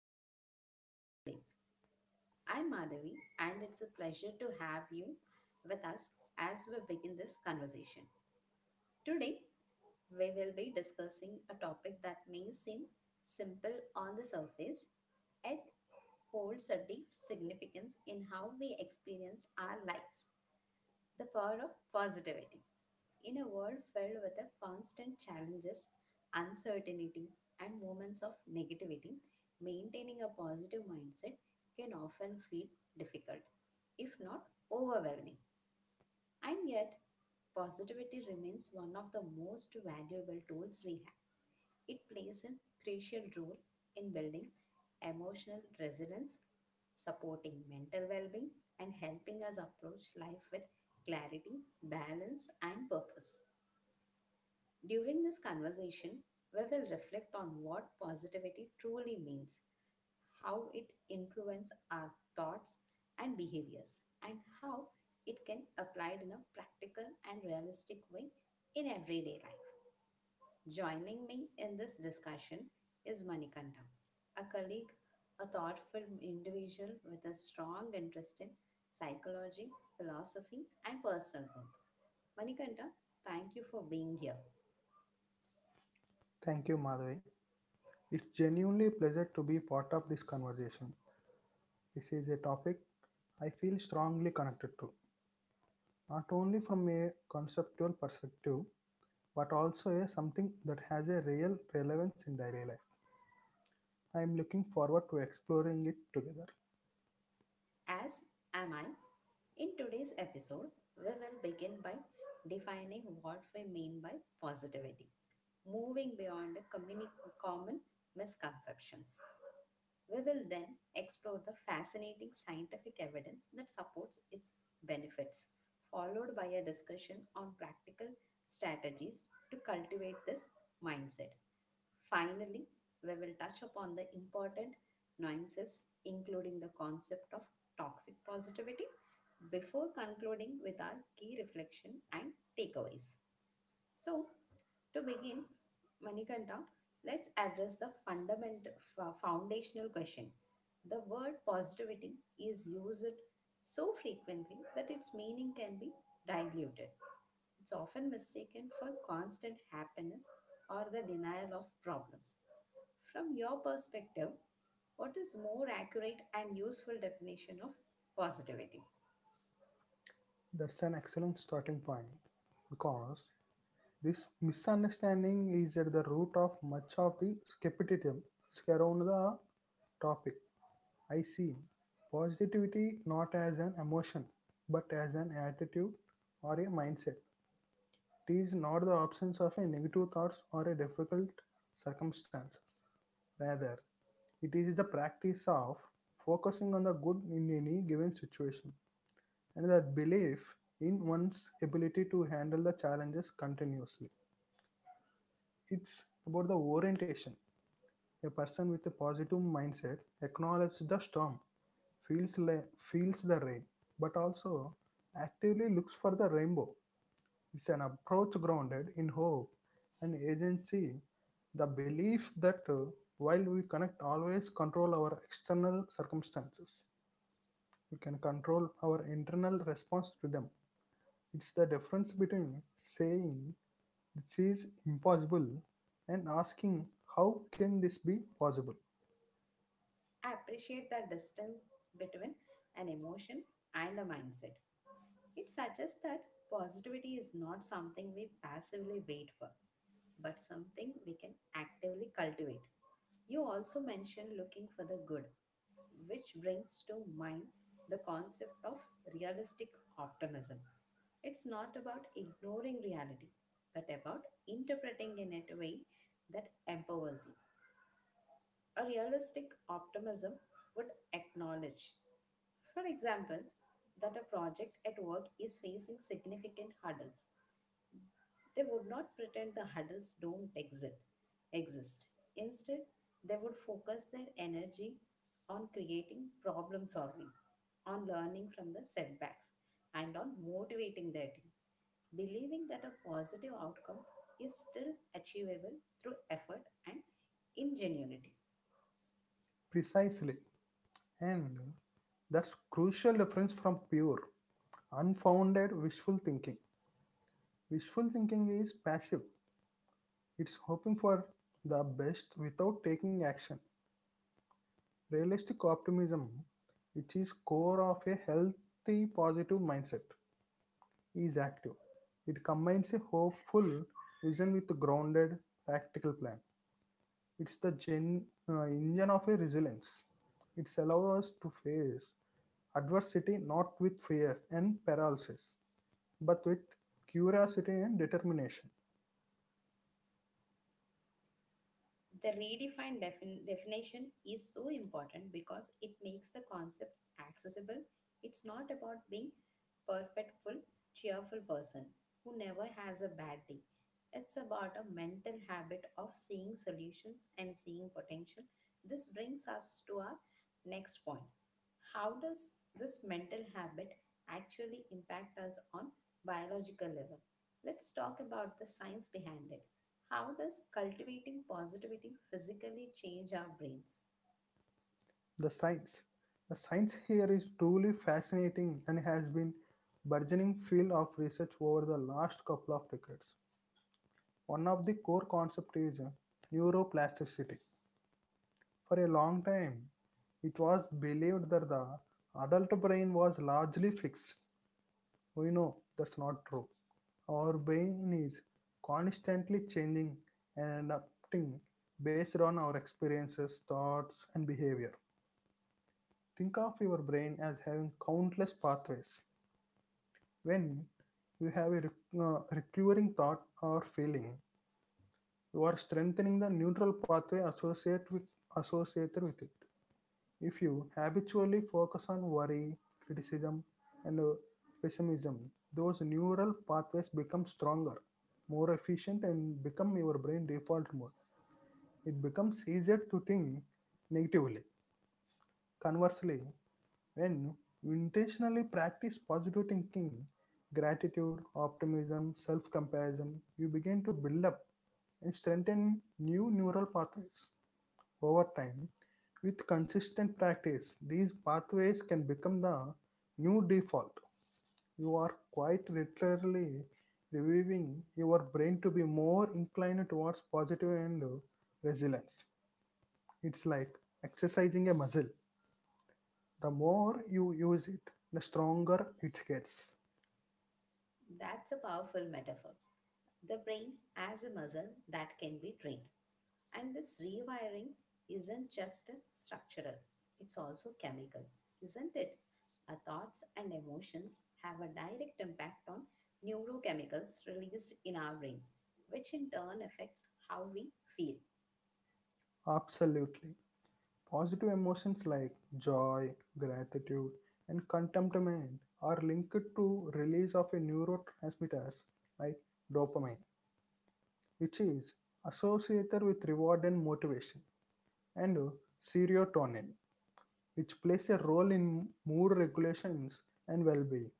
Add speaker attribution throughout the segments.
Speaker 1: you for joining us today. I'm Madhavi, and it's a pleasure to have you with us as we begin this conversation. Today, we will be discussing a topic that may seem simple on the surface, yet holds a deep significance in how we experience our lives, the power of positivity. In a world filled with the constant challenges, uncertainty, and moments of negativity, maintaining a positive mindset can often feel difficult, if not overwhelming. And yet, positivity remains one of the most valuable tools we have. It plays a crucial role in building emotional resilience, supporting mental well being, and helping us approach life with clarity, balance, and purpose. During this conversation, we will reflect on what positivity truly means, how it influences our thoughts and behaviors, and how it can be applied in a practical and realistic way in everyday life. Joining me in this discussion is Manikanta, a colleague, a thoughtful individual with a strong interest in psychology, philosophy, and personal growth. Manikanta, thank you for being here.
Speaker 2: Thank you, Madhavi. It's genuinely a pleasure to be part of this conversation. This is a topic I feel strongly connected to, not only from a conceptual perspective, but also a something that has a real relevance in daily life. I am looking forward to exploring it together.
Speaker 1: As am I. In today's episode, we will begin by defining what we mean by positivity, moving beyond the common misconceptions. We will then explore the fascinating scientific evidence that supports its benefits, followed by a discussion on practical strategies to cultivate this mindset. Finally, we will touch upon the important nuances, including the concept of toxic positivity, before concluding with our key reflection and takeaways. So, to begin, Manikanta, let's address the fundamental foundational question. The word positivity is used so frequently that its meaning can be diluted. It's often mistaken for constant happiness or the denial of problems. From your perspective, what is more accurate and useful definition of positivity?
Speaker 2: That's an excellent starting point because this misunderstanding is at the root of much of the skepticism surrounding the topic. I see positivity not as an emotion but as an attitude or a mindset. It is not the absence of a negative thoughts or a difficult circumstance. Rather, it is the practice of focusing on the good in any given situation and the belief in one's ability to handle the challenges continuously. It's about the orientation. A person with a positive mindset acknowledges the storm, feels la- feels the rain, but also actively looks for the rainbow. It's an approach grounded in hope and agency, the belief that while we connect always control our external circumstances, we can control our internal response to them. It's the difference between saying, this is impossible, and asking, how can this be possible?
Speaker 1: I appreciate the distance between an emotion and a mindset. It suggests that positivity is not something we passively wait for, but something we can actively cultivate. You also mentioned looking for the good, which brings to mind the concept of realistic optimism. It's not about ignoring reality, but about interpreting in it a way that empowers you. A realistic optimism would acknowledge, for example, that a project at work is facing significant hurdles. They would not pretend the hurdles don't exist. Instead, they would focus their energy on creating problem solving, on learning from the setbacks, and on motivating their team, believing that a positive outcome is still achievable through effort and ingenuity.
Speaker 2: Precisely. And that's crucial difference from pure unfounded wishful thinking. Wishful thinking is passive, it's hoping for the best without taking action. Realistic optimism, which is core of a healthy positive mindset, is active. It combines a hopeful vision with a grounded practical plan. It's the engine of a resilience. It allows us to face adversity not with fear and paralysis, but with curiosity and determination.
Speaker 1: The redefined definition is so important because it makes the concept accessible. It's not about being perfectful, cheerful person who never has a bad day. It's about a mental habit of seeing solutions and seeing potential. This brings us to our next point. How does this mental habit actually impact us on biological level? Let's talk about the science behind it. How does cultivating positivity physically change our brains?
Speaker 2: The science. The science here is truly fascinating and has been burgeoning field of research over the last couple of decades. One of the core concepts is neuroplasticity. For a long time, it was believed that the adult brain was largely fixed. We know that's not true. Our brain is constantly changing and adapting based on our experiences, thoughts, and behavior. Think of your brain as having countless pathways. When you have a recurring thought or feeling, you are strengthening the neural pathway associated with it. If you habitually focus on worry, criticism, and pessimism, those neural pathways become stronger, more efficient, and become your brain default mode. It becomes easier to think negatively. Conversely, when you intentionally practice positive thinking, gratitude, optimism, self compassion, you begin to build up and strengthen new neural pathways over time. With consistent practice, these pathways can become the new default. You are quite literally reviving your brain to be more inclined towards positive and resilience. It's like exercising a muscle. The more you use it, the stronger it gets.
Speaker 1: That's a powerful metaphor. The brain as a muscle that can be trained. And this rewiring isn't just structural, it's also chemical, isn't it? Our thoughts and emotions have a direct impact on neurochemicals released in our brain, which in turn affects how we feel.
Speaker 2: Absolutely. Positive emotions like joy, gratitude, and contentment are linked to release of a neurotransmitters like dopamine, which is associated with reward and motivation, and serotonin, which plays a role in mood regulations and well-being.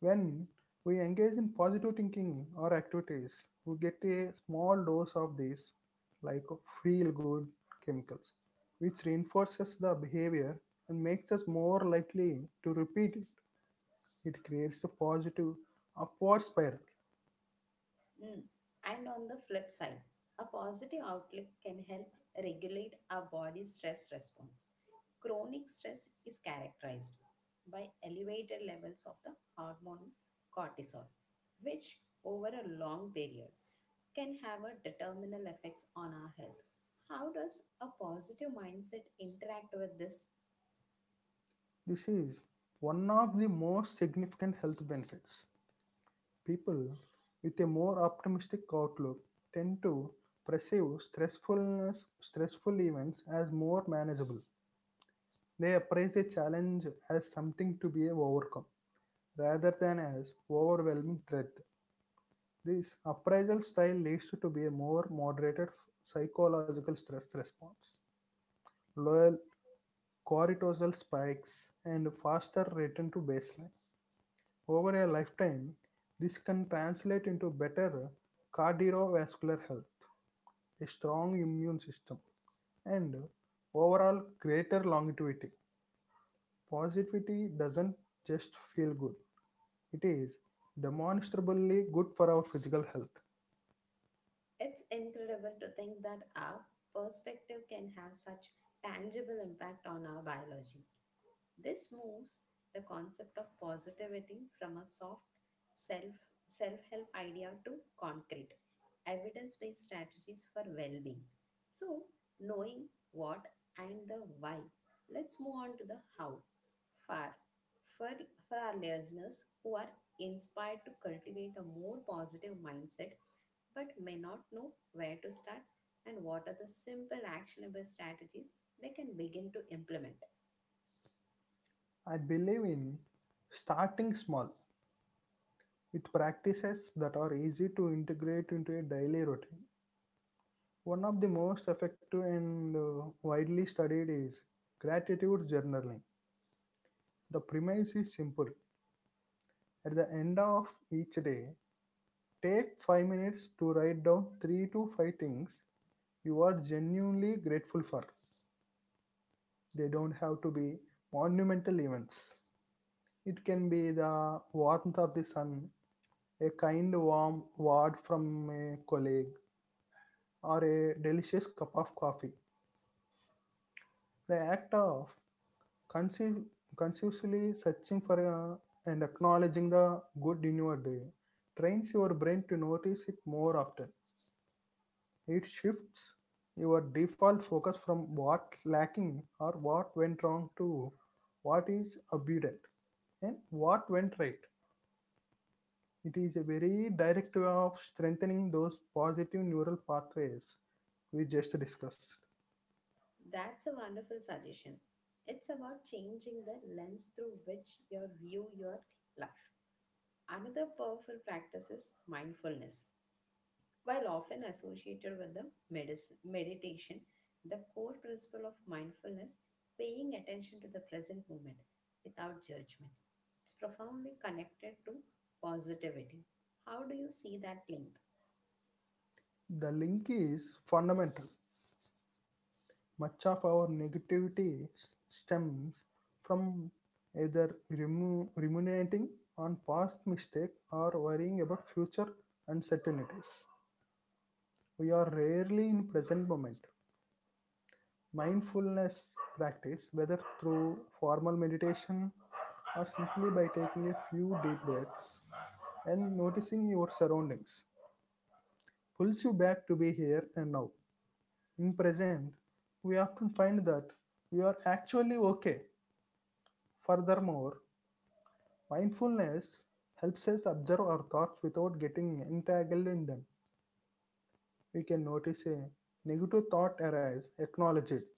Speaker 2: When we engage in positive thinking or activities, we get a small dose of these, like feel good chemicals, which reinforces the behavior and makes us more likely to repeat it. It creates a positive upward spiral.
Speaker 1: Mm. And on the flip side, a positive outlook can help regulate our body's stress response. Chronic stress is characterized by elevated levels of the hormone cortisol, which over a long period can have a determinal effect on our health. How does a positive mindset interact with this?
Speaker 2: This is one of the most significant health benefits. People with a more optimistic outlook tend to perceive stressful events as more manageable. They appraise a challenge as something to be overcome rather than as overwhelming threat. This appraisal style leads to be a more moderated psychological stress response, lower cortisol spikes, and faster return to baseline. Over a lifetime, this can translate into better cardiovascular health, a strong immune system, and overall greater longevity. Positivity doesn't just feel good, it is demonstrably good for our physical health.
Speaker 1: It's incredible to think that our perspective can have such tangible impact on our biology. This moves the concept of positivity from a soft self self help idea to concrete evidence based strategies for well being. So, knowing what and the why, let's move on to the how. For for, for our listeners who are inspired to cultivate a more positive mindset but may not know where to start and what are the simple actionable strategies they can begin to implement.
Speaker 2: I believe in starting small with practices that are easy to integrate into a daily routine. One of the most effective and widely studied is gratitude journaling. The premise is simple. At the end of each day, take 5 minutes to write down 3 to 5 things you are genuinely grateful for. They don't have to be monumental events. It can be the warmth of the sun, a kind warm word from a colleague, or a delicious cup of coffee. The act of consci- consciously searching for and acknowledging the good in your day trains your brain to notice it more often. It shifts your default focus from what lacking or what went wrong to what is abundant and what went right. It is a very direct way of strengthening those positive neural pathways we just discussed.
Speaker 1: That's a wonderful suggestion. It's about changing the lens through which you view your life. Another powerful practice is mindfulness. While often associated with the meditation, the core principle of mindfulness, paying attention to the present moment without judgment, it's profoundly connected to positivity. How do you see that link?
Speaker 2: The link is fundamental. Much of our negativity stems from either ruminating on past mistakes or worrying about future uncertainties. We are rarely in present moment. Mindfulness practice, whether through formal meditation or simply by taking a few deep breaths and noticing your surroundings, pulls you back to be here and now. In present we often find that we are actually okay. Furthermore, mindfulness helps us observe our thoughts without getting entangled in them. We can notice a negative thought arise, acknowledge it,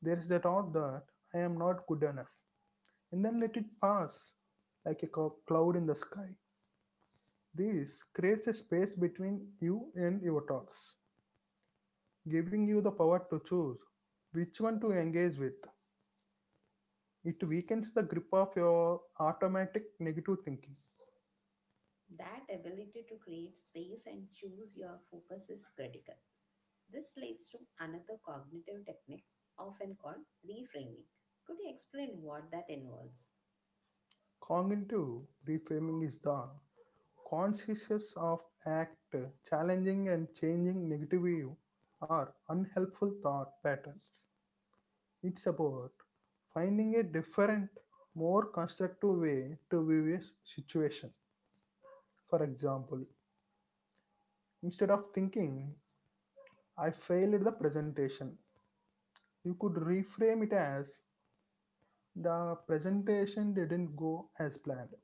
Speaker 2: there's the thought that I am not good enough, and then let it pass like a cloud in the sky. This creates a space between you and your thoughts, giving you the power to choose which one to engage with. It weakens the grip of your automatic negative thinking.
Speaker 1: That ability to create space and choose your focus is critical. This leads to another cognitive technique often called reframing. Could you explain what that involves?
Speaker 2: Cognitive reframing is the consciousness of act challenging and changing negative or unhelpful thought patterns. It's about finding a different, more constructive way to view a situation. For example, instead of thinking, I failed the presentation, you could reframe it as, the presentation didn't go as planned.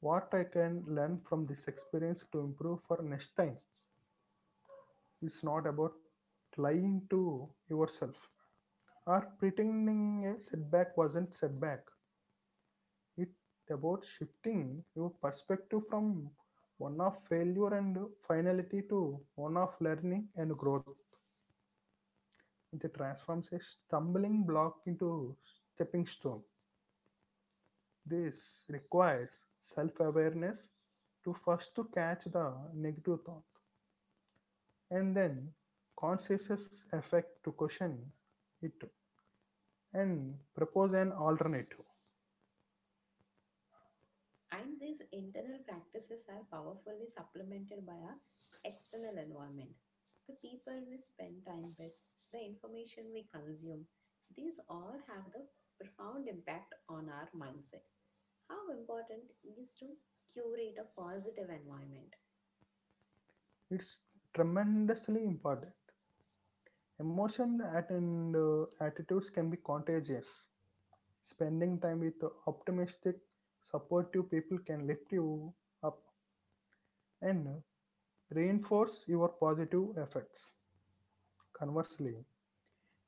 Speaker 2: What I can learn from this experience to improve for next time. It's not about lying to yourself or pretending a setback wasn't setback. It's about shifting your perspective from one of failure and finality to one of learning and growth. It transforms a stumbling block into stepping stone. This requires self-awareness to first to catch the negative thought and then conscious effect to question it and propose an alternative.
Speaker 1: And these internal practices are powerfully supplemented by our external environment. The people we spend time with, the information we consume, these all have the profound impact on our mindset. How important is to curate a positive environment?
Speaker 2: It's tremendously important. Emotion and attitudes can be contagious. Spending time with optimistic, supportive people can lift you up and reinforce your positive effects. Conversely,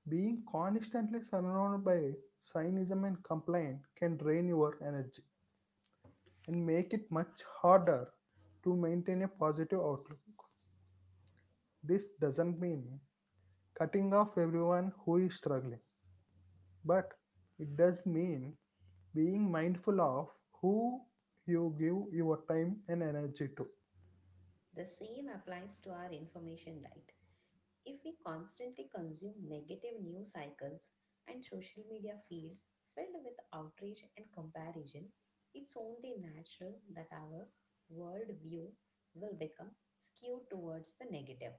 Speaker 2: being constantly surrounded by cynicism and complaint can drain your energy and make it much harder to maintain a positive outlook. This doesn't mean cutting off everyone who is struggling, but it does mean being mindful of who you give your time and energy to.
Speaker 1: The same applies to our information diet. If we constantly consume negative news cycles and social media feeds filled with outrage and comparison, it's only natural that our worldview will become skewed towards the negative.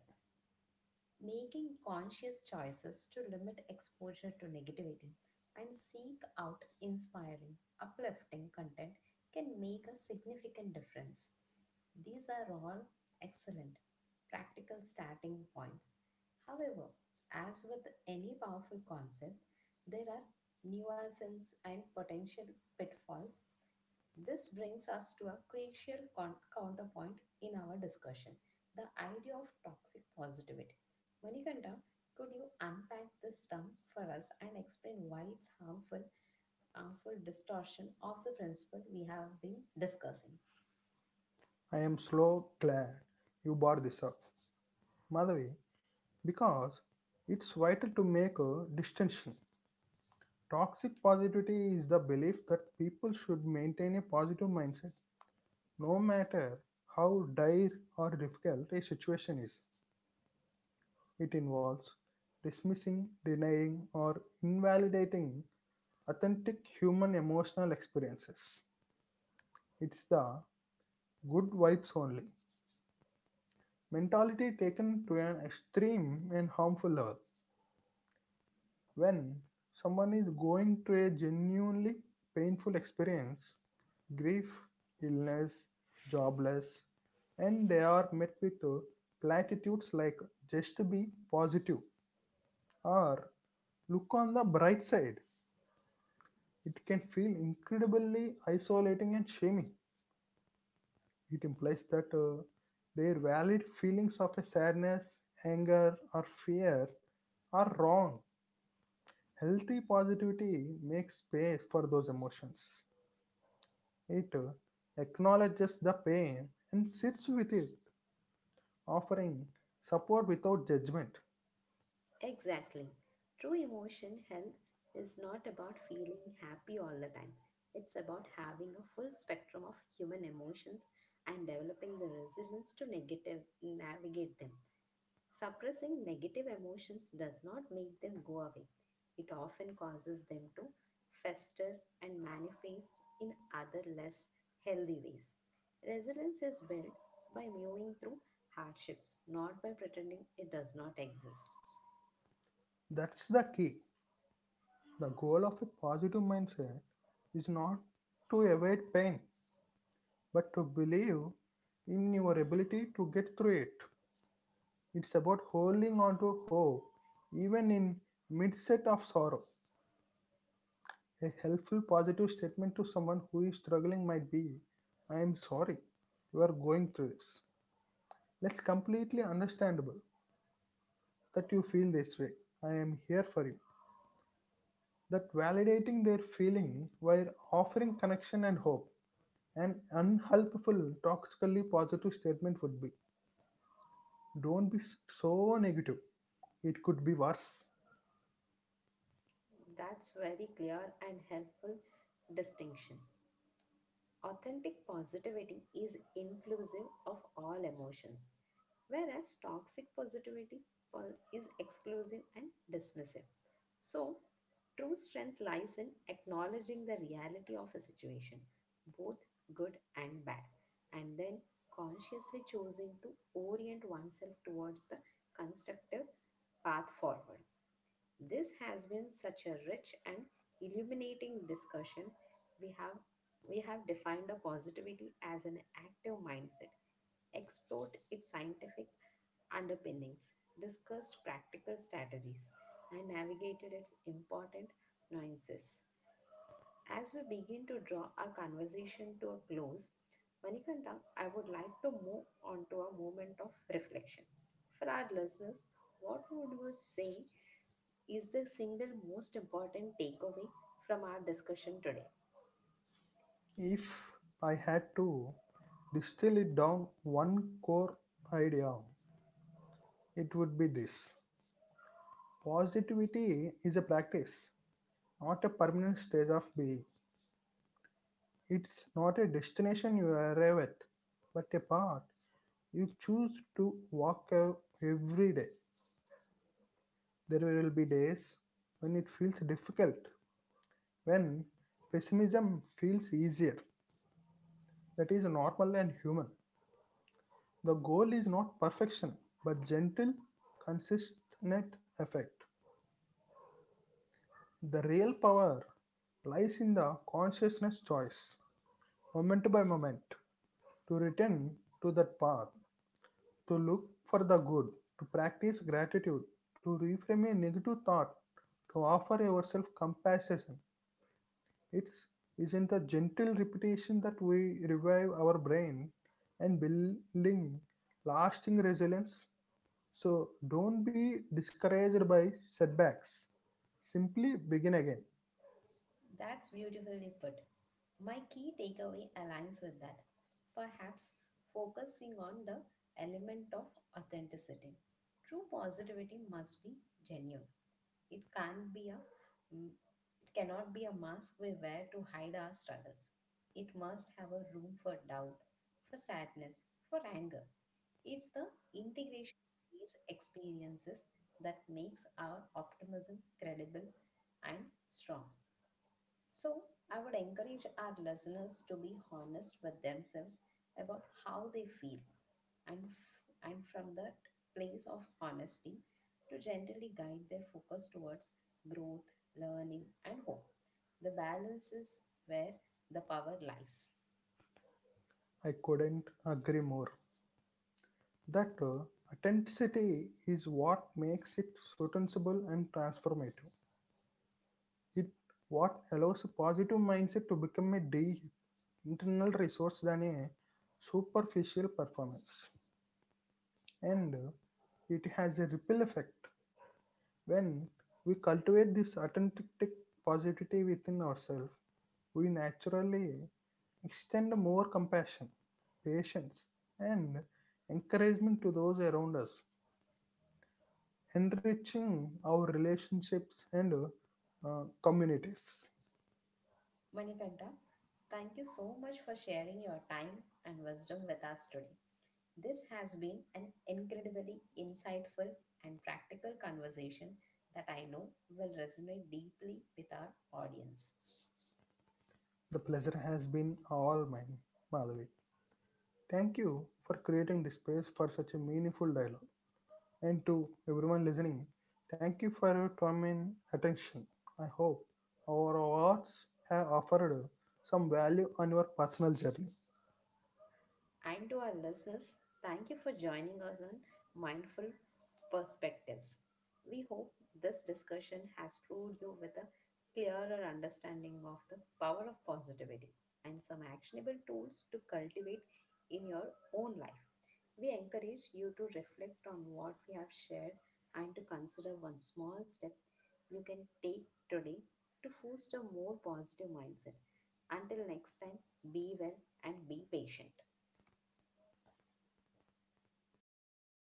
Speaker 1: Making conscious choices to limit exposure to negativity and seek out inspiring, uplifting content can make a significant difference. These are all excellent practical starting points. However, as with any powerful concept, there are nuances and potential pitfalls. This brings us to a crucial counterpoint in our discussion, the idea of toxic positivity. Manikanta, could you unpack this term for us and explain why it's harmful, harmful distortion of the principle we have been discussing?
Speaker 2: I am so glad you brought this up, Madhavi, because it's vital to make a distinction. Toxic positivity is the belief that people should maintain a positive mindset no matter how dire or difficult a situation is. It involves dismissing, denying, or invalidating authentic human emotional experiences. It's the good vibes only mentality taken to an extreme and harmful level. When someone is going through a genuinely painful experience, grief, illness, jobless, and they are met with platitudes like, just be positive, or look on the bright side, it can feel incredibly isolating and shaming. It implies that their valid feelings of a sadness, anger, or fear are wrong. Healthy positivity makes space for those emotions. It acknowledges the pain and sits with it, offering support without judgment.
Speaker 1: Exactly. True emotion health is not about feeling happy all the time. It's about having a full spectrum of human emotions and developing the resilience to negative navigate them. Suppressing negative emotions does not make them go away. It often causes them to fester and manifest in other less healthy ways. Resilience is built by mewing through hardships, not by pretending it does not exist.
Speaker 2: That's the key. The goal of a positive mindset is not to avoid pain, but to believe in your ability to get through it. It's about holding on to hope, even in midset of sorrow. A helpful positive statement to someone who is struggling might be, I am sorry you are going through this. That's completely understandable that you feel this way. I am here for you. That validating their feeling while offering connection and hope. An unhelpful, toxically positive statement would be, don't be so negative. It could be worse.
Speaker 1: That's very clear and helpful distinction. Authentic positivity is inclusive of all emotions, whereas toxic positivity is exclusive and dismissive. So, true strength lies in acknowledging the reality of a situation, both good and bad, and then consciously choosing to orient oneself towards the constructive path forward. This has been such a rich and illuminating discussion. We have we have defined a positivity as an active mindset, explored its scientific underpinnings, discussed practical strategies, and navigated its important nuances. As we begin to draw our conversation to a close, Manikanta, I would like to move on to a moment of reflection. For our listeners, what would you say is the single most important takeaway from our discussion today?
Speaker 2: If I had to distill it down one core idea, it would be this: positivity is a practice, not a permanent state of being. It's not a destination you arrive at, but a path you choose to walk every day. There will be days when it feels difficult, when pessimism feels easier. That is normal and human. The goal is not perfection, but gentle, consistent effect. The real power lies in the consciousness choice, moment by moment, to return to that path, to look for the good, to practice gratitude, to reframe a negative thought, to offer yourself compassion. It's isn't the gentle repetition that we revive our brain and building lasting resilience. So don't be discouraged by setbacks. Simply begin again.
Speaker 1: That's beautifully put. My key takeaway aligns with that. Perhaps focusing on the element of authenticity. True positivity must be genuine. It can't be a mm, It cannot be a mask we wear to hide our struggles. It must have a room for doubt, for sadness, for anger. It's the integration of these experiences that makes our optimism credible and strong. So, I would encourage our listeners to be honest with themselves about how they feel and from that place of honesty to gently guide their focus towards growth, learning, and hope. The balance is where the power lies.
Speaker 2: I couldn't agree more. That authenticity is what makes it sustainable and transformative. It what allows a positive mindset to become a deep internal resource than a superficial performance. And it has a ripple effect. When we cultivate this authentic positivity within ourselves, we naturally extend more compassion, patience, and encouragement to those around us, enriching our relationships and communities.
Speaker 1: Manikanta, thank you so much for sharing your time and wisdom with us today. This has been an incredibly insightful and practical conversation that I know will resonate deeply with our audience.
Speaker 2: The pleasure has been all mine, Madhavi. Thank you for creating this space for such a meaningful dialogue. And to everyone listening, thank you for your time and attention. I hope our awards have offered some value on your personal journey.
Speaker 1: And to our listeners, thank you for joining us on Mindful Perspectives. We hope this discussion has proved you with a clearer understanding of the power of positivity and some actionable tools to cultivate in your own life. We encourage you to reflect on what we have shared and to consider one small step you can take today to foster a more positive mindset. Until next time, be well and be patient.